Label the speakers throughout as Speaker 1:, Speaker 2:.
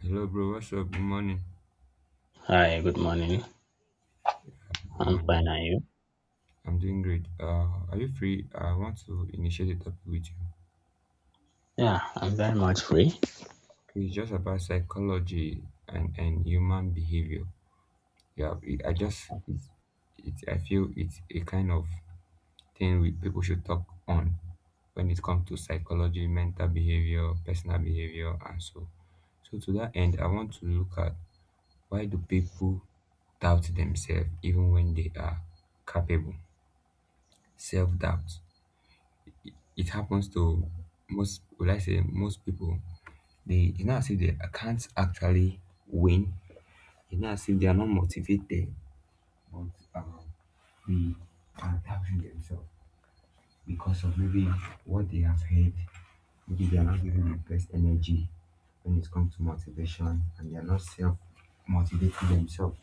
Speaker 1: Hello, bro. What's up? Good morning.
Speaker 2: Hi, good morning.
Speaker 1: Good
Speaker 2: I'm fine,
Speaker 1: morning.
Speaker 2: are you?
Speaker 1: I'm doing great. Are you free? I want to initiate a topic with you.
Speaker 2: Yeah, I'm very much free.
Speaker 1: Okay, it's just about psychology and human behavior. Yeah, it, I just it's I feel it's a kind of thing we people should talk on when it comes to psychology, mental behavior, personal behavior, and so. So to that end, I want to look at, why do people doubt themselves even when they are capable? Self doubt. It happens to most, would I say, most people. They It's not as if they can't actually win. It's not as if they are not motivated, but um, they are doubting themselves because of maybe what they have heard. Maybe they are not giving their best energy when it comes to motivation, and they are not self motivating themselves.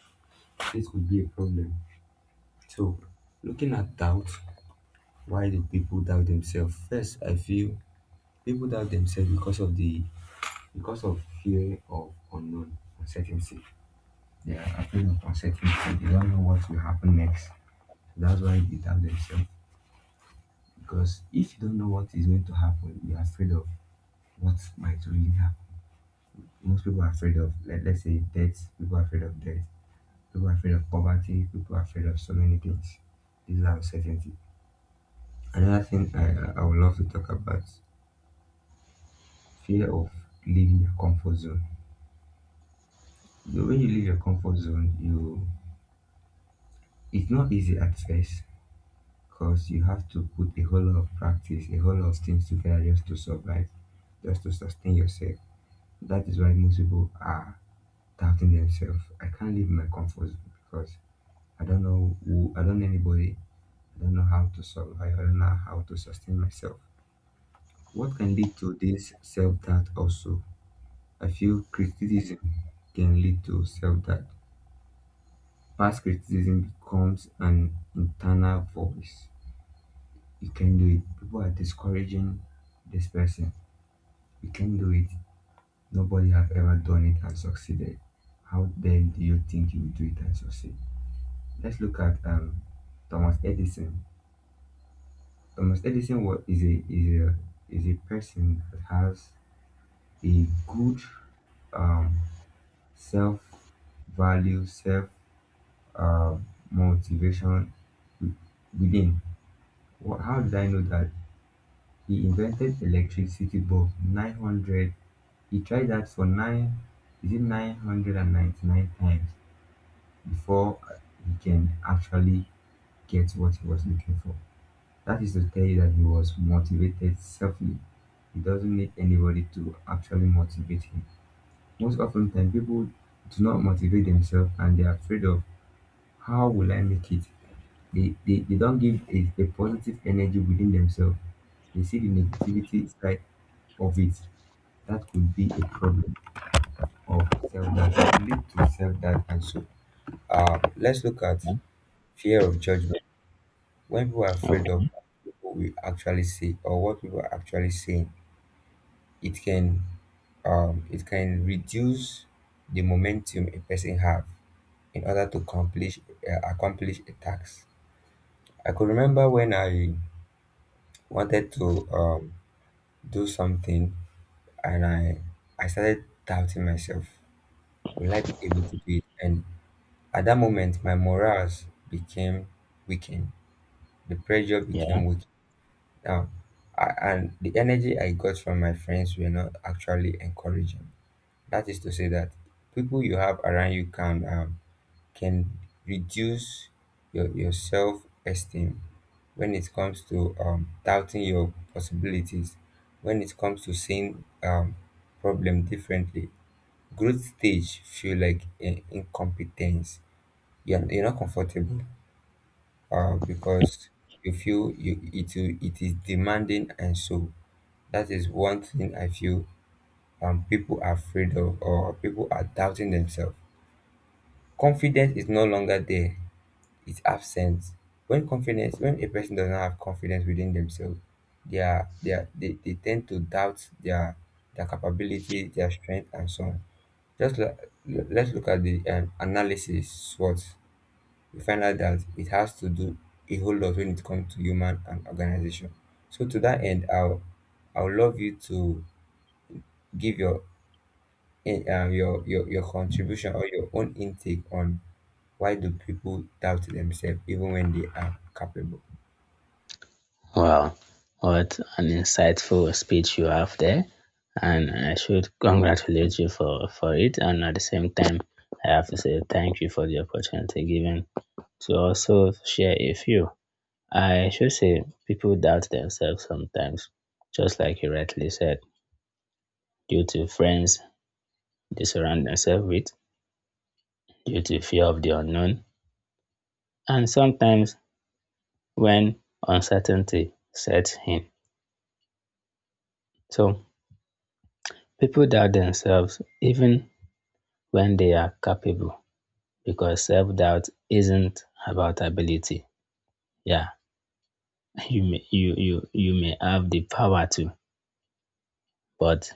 Speaker 1: This could be a problem. So, looking at doubt, why do people doubt themselves? First, I feel people doubt themselves because of the because of fear of unknown uncertainty. They are afraid of uncertainty. They don't know what will happen next. So that's why they doubt themselves. Because if you don't know what is going to happen, you're afraid of what might really happen. Most people are afraid of, let's say, death. People are afraid of death. People are afraid of poverty. People are afraid of so many things. These are uncertainty. Another thing I would love to talk about, fear of leaving your comfort zone. You know, when you leave your comfort zone, you it's not easy at first, because you have to put a whole lot of practice, a whole lot of things together just to survive, just to sustain yourself. That is why most people are doubting themselves. I can't leave my comfort zone because I don't know who, I don't know anybody, I don't know how to survive, I don't know how to sustain myself. What can lead to this self doubt also? I feel criticism can lead to self doubt. Past criticism becomes an internal voice. You can do it. People are discouraging this person. You can do it. Nobody have ever done it and succeeded. How then do you think you will do it and succeed? Let's look at Thomas Edison. Thomas Edison was, is a is a is a person that has a good um, self value, self uh, motivation within. How did I know that he invented electricity bulb 900? He tried that for nine. Is it 999 times, before he can actually get what he was looking for? That is to tell you that he was motivated selfly. He doesn't need anybody to actually motivate him. Most often time people do not motivate themselves and they're afraid of, how will I make it? They don't give a positive energy within themselves. They see the negativity side of it. That could be a problem of self doubt, lead to self doubt and so. Let's look at fear of judgment. When people are afraid of
Speaker 2: Okay.
Speaker 1: what we actually say or what people are actually saying, it can it can reduce the momentum a person have in order to accomplish accomplish a task. I could remember when I wanted to do something, and I started doubting myself, will I be able to do it? And at that moment my morals became weakened, the pressure became
Speaker 2: Yeah.
Speaker 1: weak. Yeah. I, and the energy I got from my friends were not actually encouraging. That is to say that people you have around you can reduce your self esteem when it comes to doubting your possibilities, when it comes to seeing problem differently. Growth stage feel like incompetence. You're not comfortable because you feel you it, it is demanding and so, that is one thing I feel people are afraid of, or people are doubting themselves. Confidence is no longer there, it's absent. When confidence, when a person does not have confidence within themselves, they tend to doubt their capability, their strength and so on. Just like, let's look at the analysis, what we find out that it has to do a whole lot when it comes to human and organization. So to that end, I'll love you to give your your contribution or your own intake on, why do people doubt themselves even when they are capable?
Speaker 2: Wow, what an insightful speech you have there, and I should congratulate you for it. And at the same time, I have to say thank you for the opportunity given to also share a few. I should say people doubt themselves sometimes, just like you rightly said, due to friends they surround themselves with, due to fear of the unknown, and sometimes when uncertainty sets in. So people doubt themselves even when they are capable because self-doubt isn't about ability. Yeah, you may you may have the power to, but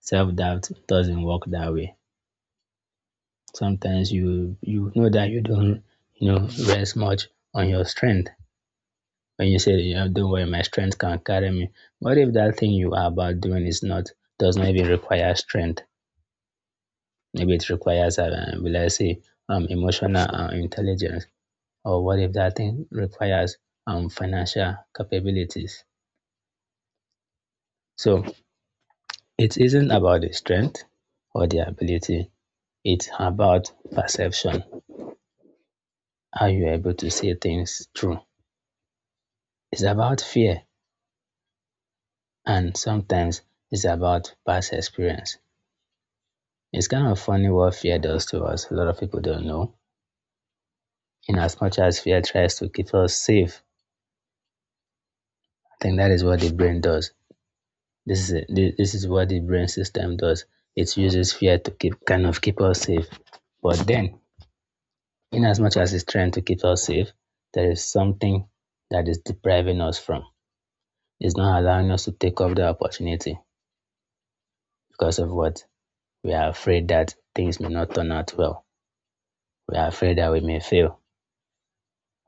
Speaker 2: self-doubt doesn't work that way. Sometimes you know that you don't you know rest much on your strength. When you say you know, don't worry, my strength can carry me. What if that thing you are about doing is not does not even require strength? Maybe it requires, will I say, emotional intelligence, or what if that thing requires financial capabilities? So it isn't about the strength or the ability. It's about perception. Are you able to see things through? It's about fear, and sometimes it's about past experience. It's kind of funny what fear does to us. A lot of people don't know. In as much as fear tries to keep us safe, I think that is what the brain does. This is it. This is what the brain system does. It uses fear to keep kind of keep us safe. But then, in as much as it's trying to keep us safe, there is something that is depriving us from. It's not allowing us to take up the opportunity because of what we are afraid that things may not turn out well. We are afraid that we may fail.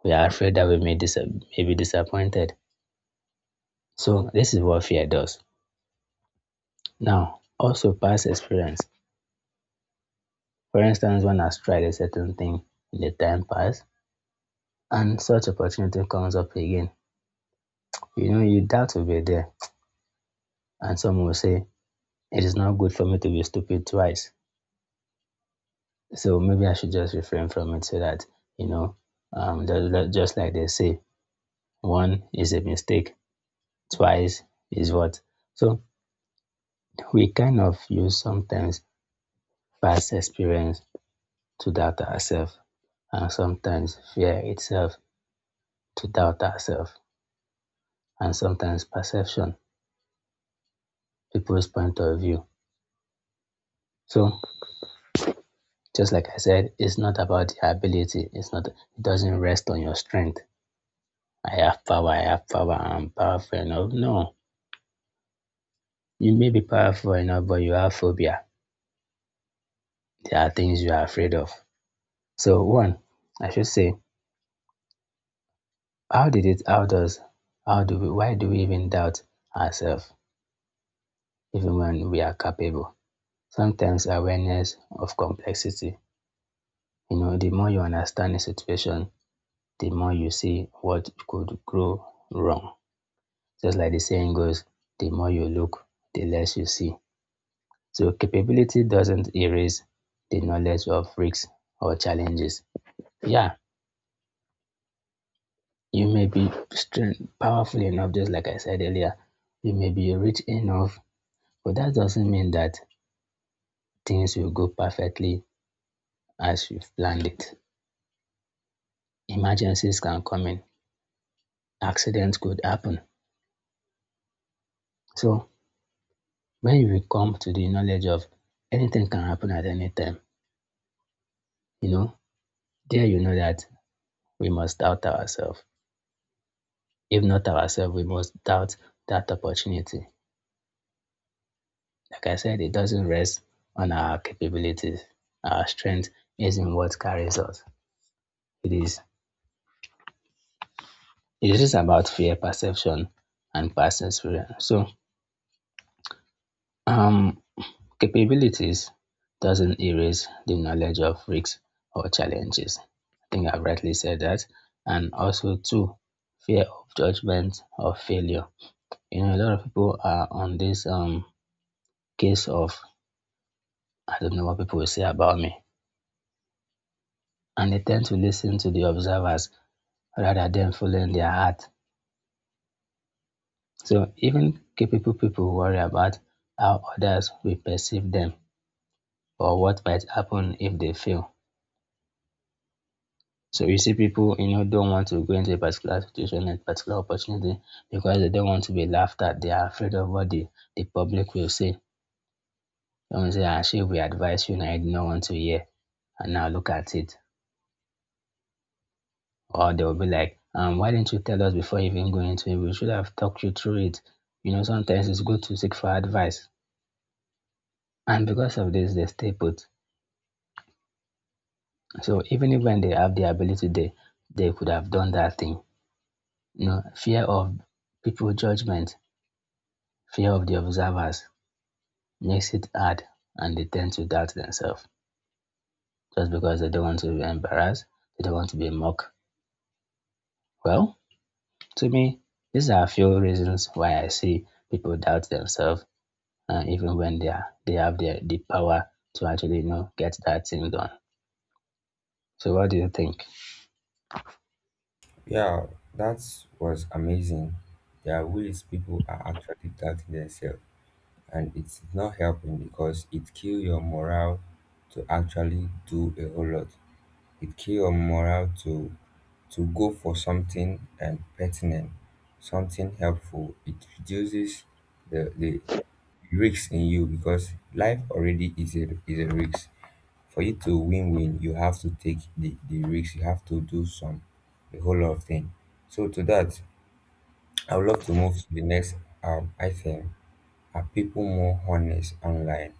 Speaker 2: We are afraid that we may, may be disappointed. So this is what fear does. Now, also past experience. For instance, one has tried a certain thing in the time past and such opportunity comes up again, you know, you doubt to be there. And some will say, it is not good for me to be stupid twice. So maybe I should just refrain from it so that, you know, um, just like they say, one is a mistake, twice is what. So we kind of use sometimes past experience to doubt ourselves, and sometimes fear itself to doubt ourselves, and sometimes perception, people's point of view. So just like I said, it's not about the ability. It doesn't rest on your strength. I have power, I'm powerful enough. No, you may be powerful enough, but you have phobia. There are things you are afraid of. So one, I should say, how did it, how does, how do we, why do we even doubt ourselves, even when we are capable? Sometimes awareness of complexity. You know, the more you understand a situation, the more you see what could go wrong just like the saying goes, the more you look, the less you see. So capability doesn't erase the knowledge of risks or challenges. Yeah, you may be strong, powerful enough, just like I said earlier. You may be rich enough, but that doesn't mean that things will go perfectly as you've planned it. Emergencies can come in, accidents could happen. So when you come to the knowledge of anything can happen at any time, you know, there you know that we must doubt ourselves. If not ourselves, we must doubt that opportunity. Like I said, it doesn't rest on our capabilities. Our strength is in what carries us. It is it is about fear perception and past experience. So um capabilities doesn't erase the knowledge of risks or challenges. I think I've rightly said that. And also too, fear of judgment or failure. You know, a lot of people are on this case of I don't know what people will say about me. And they tend to listen to the observers rather than following their heart. So even capable people worry about how others will perceive them or what might happen if they fail. So you see people, you know, don't want to go into a particular situation, a particular opportunity because they don't want to be laughed at. They are afraid of what the public will say. They will say, actually, we advise you and I did not want to hear. And now look at it. Or they'll be like, why didn't you tell us before even going to it? We should have talked you through it. You know, sometimes it's good to seek for advice. And because of this, they stay put. So even if when they have the ability, they could have done that thing. You know, fear of people judgment, fear of the observers makes it hard and they tend to doubt themselves just because they don't want to be embarrassed, they don't want to be mocked. Well, to me, these are a few reasons why I see people doubt themselves even when they have the power to actually you know get that thing done. So what do you think?
Speaker 1: Yeah, that was amazing. There are ways people are actually doubting themselves, and it's not helping because it kills your morale to actually do a whole lot. It kills your morale to go for something, and pertinent something helpful. It reduces the risk in you, because life already is a risk. For you to win, you have to take the risk, you have to do some, a whole lot of things. So to that, I would love to move to the next item. Are people more honest online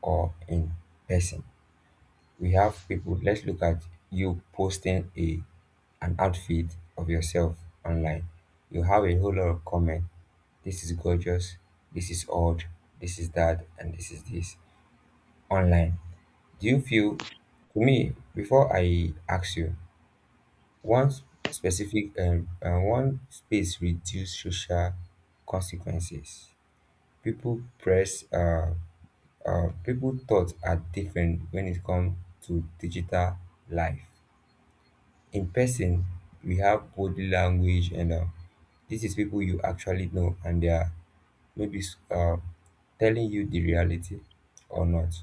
Speaker 1: or in person? We have people. Let's look at, you posting a an outfit of yourself online, you have a whole lot of comment. This is gorgeous, this is odd, this is that and this is this online. Do you feel, to me, before I ask you, one s- specific one space reduce social consequences? People press, uh, people thoughts are different when it comes to digital life. In person, we have body language and this is people you actually know, and they are maybe telling you the reality or not.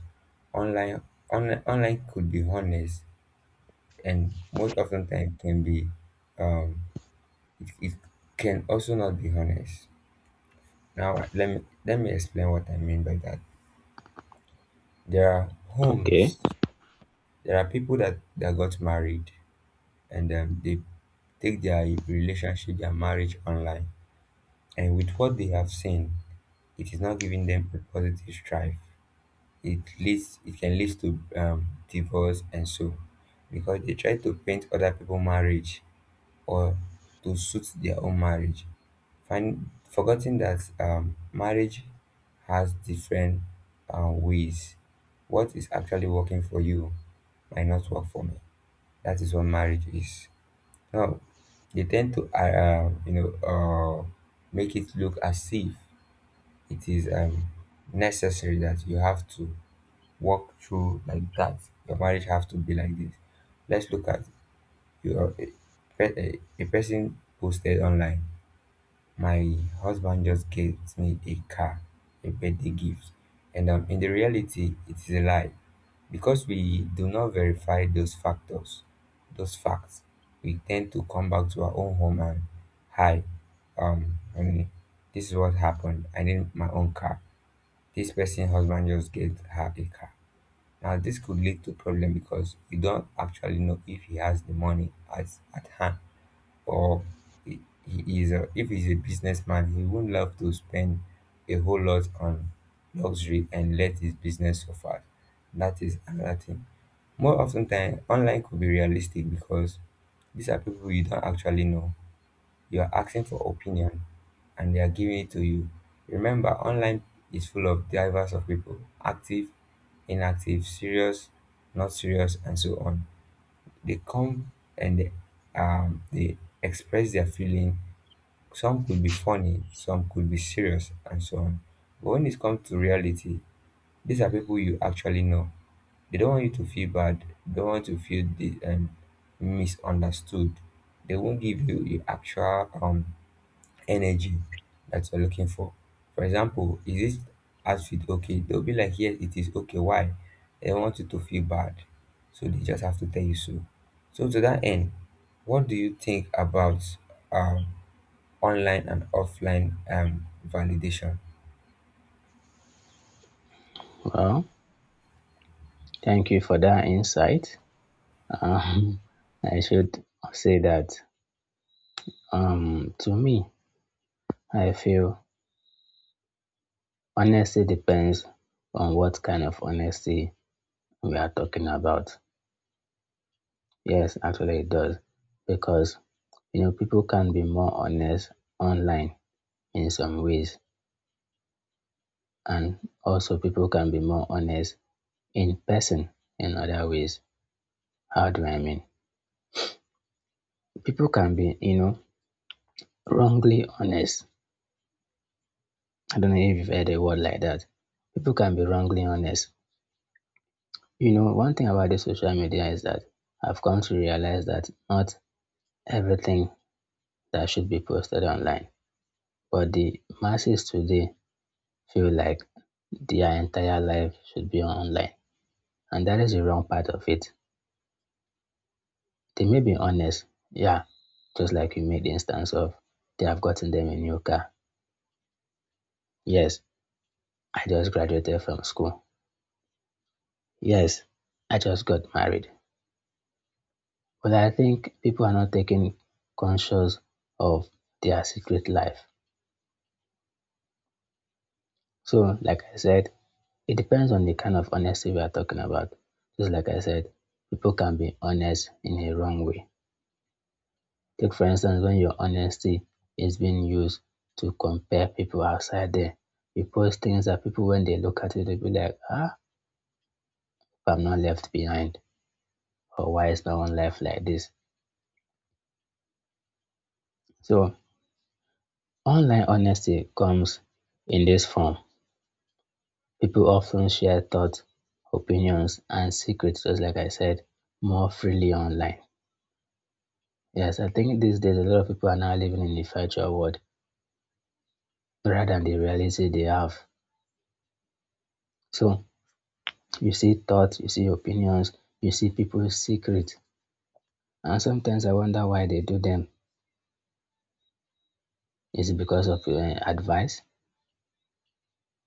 Speaker 1: Online, online could be honest, and most often time can be um it can also not be honest. Now let me explain what I mean by that. There are
Speaker 2: Okay,
Speaker 1: homes, there are people that got married, and they take their relationship, their marriage online, and with what they have seen, it is not giving them a positive strive. It can lead to divorce and so, because they try to paint other people marriage or to suit their own marriage, forgetting that marriage has different ways. What is actually working for you might not work for me. That is what marriage is. Now, they tend to, you know, make it look as if it is necessary, that you have to walk through like that. Your marriage have to be like this. Let's look at your a person posted online, my husband just gave me a car, a birthday gift, and in the reality, it is a lie. Because we do not verify those factors, those facts, we tend to come back to our own home and, hi, honey, this is what happened. I need my own car. This person husband just gave her a car. Now this could lead to problem, because you don't actually know if he has the money as at hand, or he he is a, if he's a businessman, he won't love to spend a whole lot on luxury and let his business suffer. That is another thing. More often than, online could be realistic because these are people you don't actually know. You are asking for opinion and they are giving it to you. Remember, online is full of divers of people, active, inactive, serious, not serious, and so on. They come and they express their feeling, some could be funny, some could be serious, and so on. But when it comes to reality, these are people you actually know. They don't want you to feel bad. They don't want to feel the, misunderstood. They won't give you the actual energy that you're looking for. For example, is this outfit okay? They'll be like, yes, it is okay. Why? They don't want you to feel bad. So they just have to tell you so. So to that end, what do you think about um, online and offline validation
Speaker 2: well, thank you for that insight. Um, I should say that to me, I feel honesty depends on what kind of honesty we are talking about. Yes, actually it does because you know people can be more honest online in some ways and also people can be more honest in person and other ways. How do I mean? People can be, you know, wrongly honest. I don't know if you've heard a word like that. People can be wrongly honest. You know, one thing about the social media is that I've come to realize that not everything that should be posted online, but the masses today feel like their entire life should be online. And that is the wrong part of it. They may be honest, yeah, just like you made the instance of they have gotten them a new car. Yes, I just graduated from school. Yes, I just got married. But I think people are not taking conscious of their secret life. So, like I said, it depends on the kind of honesty we are talking about. Just like I said, people can be honest in a wrong way. Take, for instance, when your honesty is being used to compare people outside there. You post things that people, when they look at it, they'll be like, ah, I'm not left behind, or why is no one left like this? So, online honesty comes in this form. People often share thoughts, opinions, and secrets, just like I said, more freely online. Yes, I think these days a lot of people are now living in the virtual world rather than the reality they have. So you see thoughts, you see opinions, you see people's secrets, and sometimes I wonder why they do them. Is it because of advice?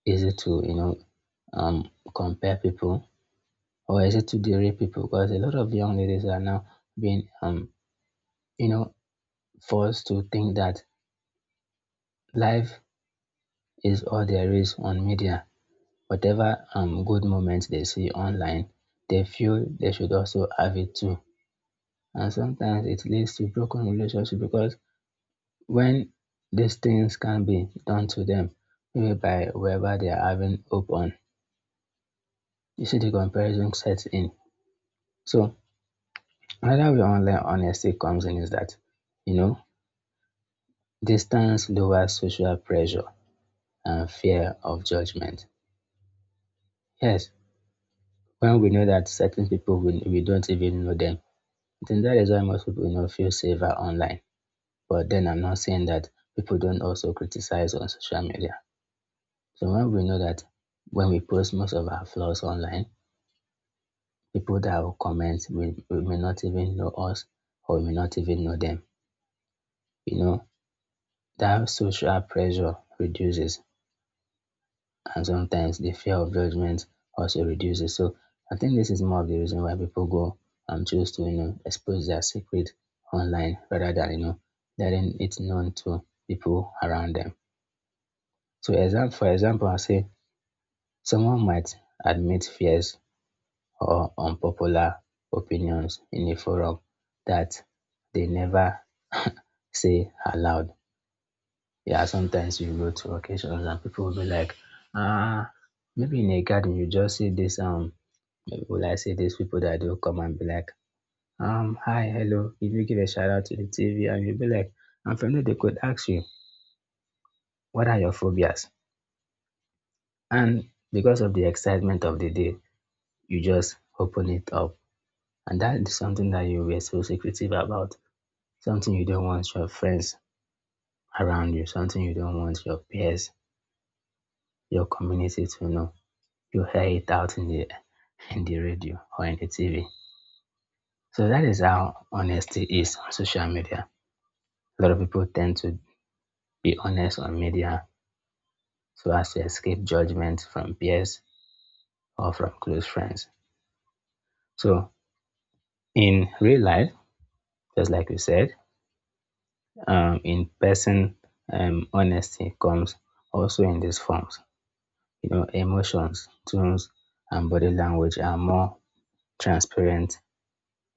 Speaker 2: Is it to you know compare people? Or is it to derail people? Because a lot of young ladies are now being, you know, forced to think that life is all there is on media. Whatever good moments they see online, they feel they should also have it too. And sometimes it leads to broken relationship because when these things can be done to them, maybe by whoever they are having hope on, you see the comparison sets in. So another way online honesty comes in is that, you know, distance lowers social pressure and fear of judgment. Yes, when we know that certain people we don't even know them, then that is why most people you know feel safer online. But then I'm not saying that people don't also criticize on social media. So when we know that when we post most of our flaws online, people that will comment we may not even know us or we may not even know them. You know, that social pressure reduces and sometimes the fear of judgment also reduces. So I think this is more of the reason why people go and choose to, you know, expose their secret online rather than, you know, letting it known to people around them. So exam for example, I say someone might admit fears or unpopular opinions in a forum that they never say aloud. Yeah, sometimes you go to occasions and people will be like, ah, maybe in a garden you just see this maybe will I say these people that do come and be like, hi, hello, if you give a shout out to the TV and you'll be like, and from there they could ask you, what are your phobias? And because of the excitement of the day, you just open it up. And that is something that you were so secretive about. Something you don't want your friends around you, something you don't want your peers, your community to know. You hear it out in the radio or in the TV. So that is how honesty is on social media. A lot of people tend to be honest on media so as to escape judgment from peers or from close friends. So in real life, just like we said, in person, honesty comes also in these forms. You know, emotions, tones, and body language are more transparent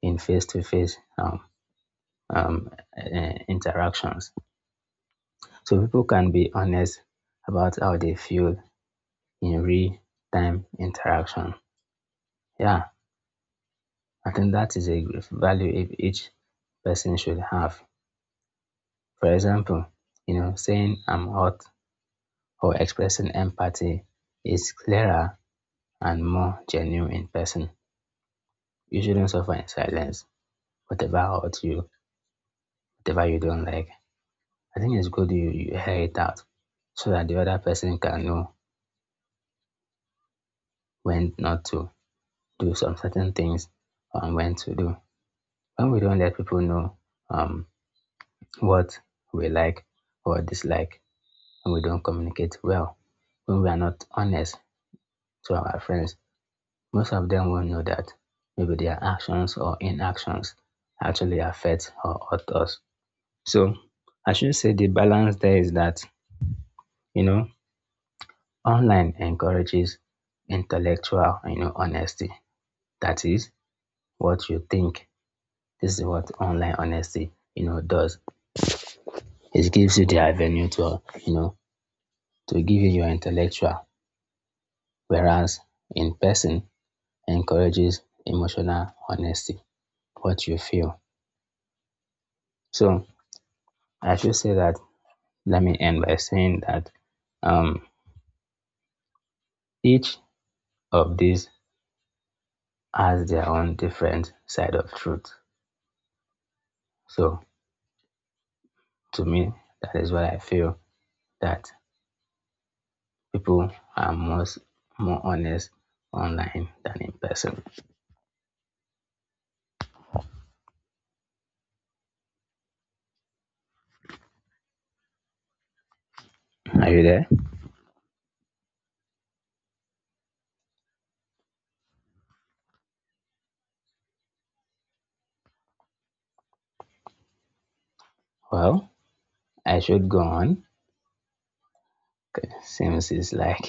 Speaker 2: in face-to-face um, uh, interactions. So people can be honest about how they feel in real-time interaction. Yeah. I think that is a value if each person should have. For example, you know, saying I'm hot or expressing empathy is clearer and more genuine in person. You shouldn't suffer in silence, whatever hurts you, whatever you don't like. I think it's good you hear it out so that the other person can know when not to do some certain things and when to do. When we don't let people know um, what we like or dislike, and we don't communicate well, when we are not honest to our friends, most of them won't know that maybe their actions or inactions actually affect or hurt us. So I should say the balance there is that, you know, online encourages intellectual, you know, honesty. That is what you think. This is what online honesty, you know, does. It gives you the avenue to, you know, to give you your intellectual. Whereas in person, encourages emotional honesty, what you feel. So I should say that let me end by saying that um, each of these has their own different side of truth. So to me, that is what I feel that people are most more honest online than in person. Are you there? Well, I should go on 'cause since it's like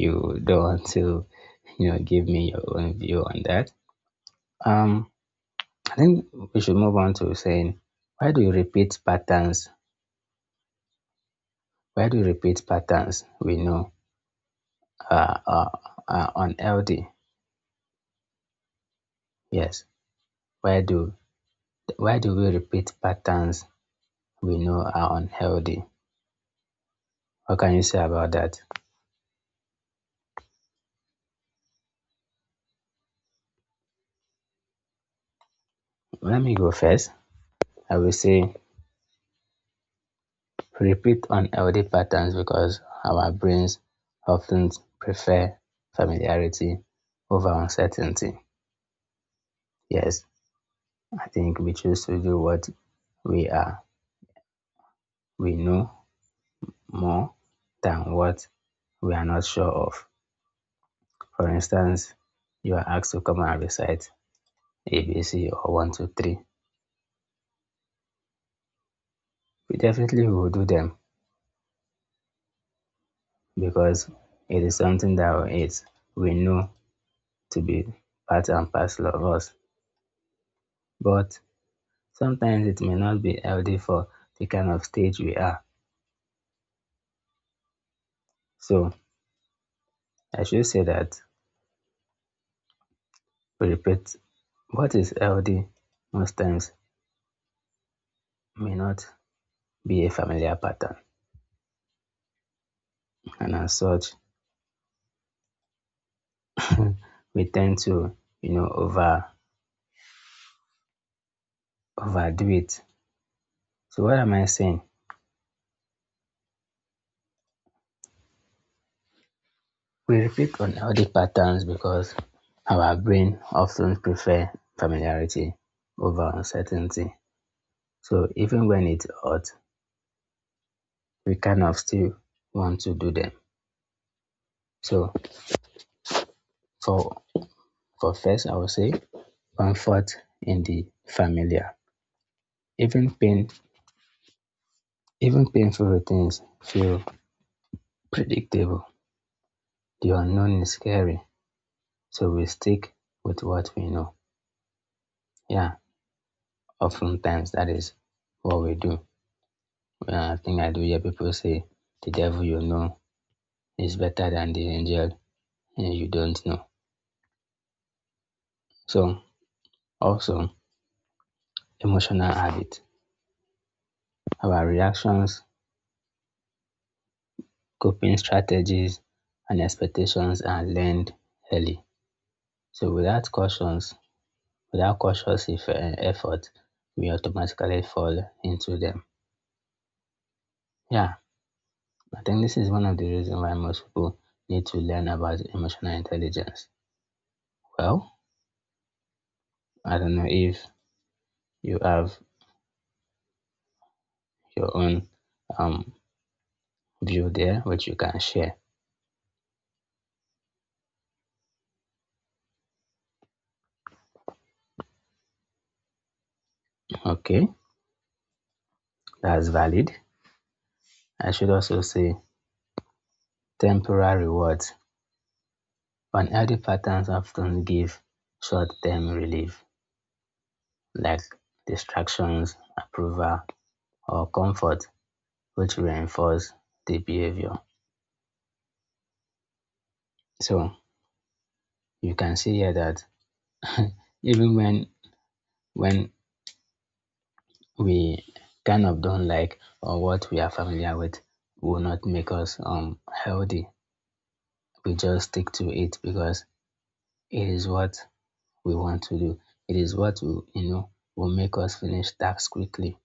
Speaker 2: you don't want to, you know, give me your own view on that. Um, I think we should move on to saying, why do you repeat patterns? Why do you repeat patterns we know are, are, are unhealthy? Yes. Why do why do we repeat patterns we know are unhealthy? What can you say about that? Let me go first. I will say repeat unhealthy patterns because our brains often prefer familiarity over uncertainty. Yes, I think we choose to do what we are we know more than what we are not sure of. For instance, you are asked to come and recite ABC or 1 2 3. We definitely will do them because it is something that is, we know to be part and parcel of us. But sometimes it may not be healthy for the kind of stage we are. So I should say that, we repeat, what is healthy most times may not be a familiar pattern, and as such, we tend to, you know, overdo it. So what am I saying? We repeat unhealthy patterns because our brain often prefer familiarity over uncertainty. So even when it's hot, we kind of still want to do them. So for for first, I would say comfort in the familiar. Even pain, even painful routines feel predictable. The unknown is scary, so we stick with what we know. Yeah, oftentimes that is what we do. I think I do hear people say the devil you know is better than the angel, you don't know. So, also emotional habit. Our reactions, coping strategies, and expectations are learned early. So, without cautions, without cautious, if, effort, we automatically fall into them. Yeah, I think this is one of the reasons why most people need to learn about emotional intelligence. Well, I don't know if you have your own um, view there which you can share. Okay, that's valid. I should also say temporary rewards. Unhealthy patterns often give short term relief like distractions, approval, or comfort, which reinforce the behavior. So you can see here that even when we kind of don't like or what we are familiar with will not make us healthy, we just stick to it because it is what we want to do. It is what will, you know, will make us finish tasks quickly.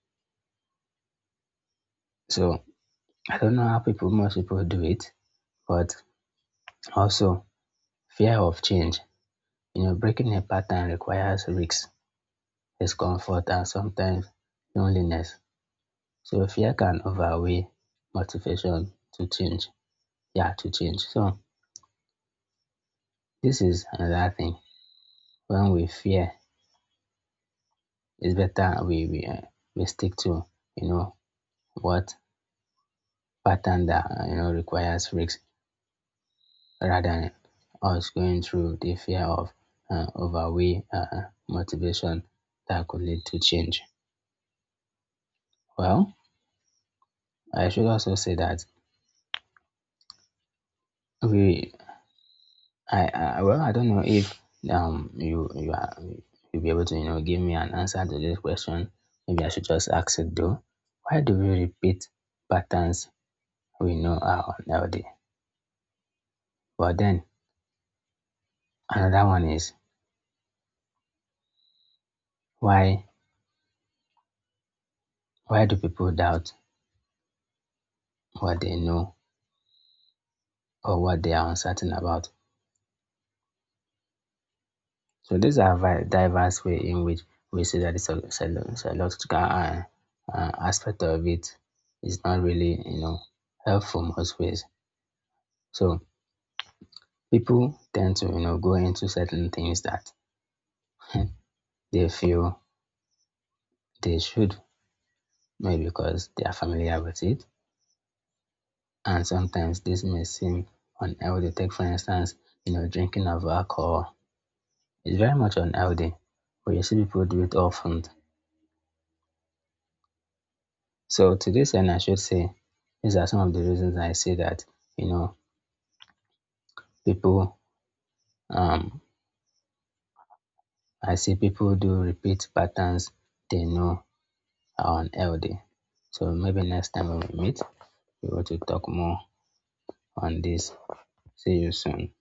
Speaker 2: So I don't know how people, most people do it, but also fear of change. You know, breaking a pattern requires risks, discomfort, and sometimes loneliness. So fear can overweigh motivation to change. Yeah, to change. So this is another thing. When we fear, it's better we stick to, you know, what pattern that, you know, requires risks rather than us going through the fear of overweight motivation that could lead to change. Well, I should also say that we, I well, I don't know if you are you'll be able to, you know, give me an answer to this question. Maybe I should just ask it though. Why do we repeat patterns we know are unhealthy? But then another one is why why do people doubt what they know or what they are uncertain about. So these are diverse ways in which we see that the psychological aspect of it is not really, you know, helpful most ways. So people tend to, you know, go into certain things that they feel they should, maybe because they are familiar with it. And sometimes this may seem unhealthy. Take for instance, you know, drinking of alcohol is very much unhealthy, but you see people do it often. So to this end, I should say these are some of the reasons I say that, you know, people, um I see people do repeat patterns they know are unhealthy. So maybe next time when we meet, we want to talk more on this. See you soon.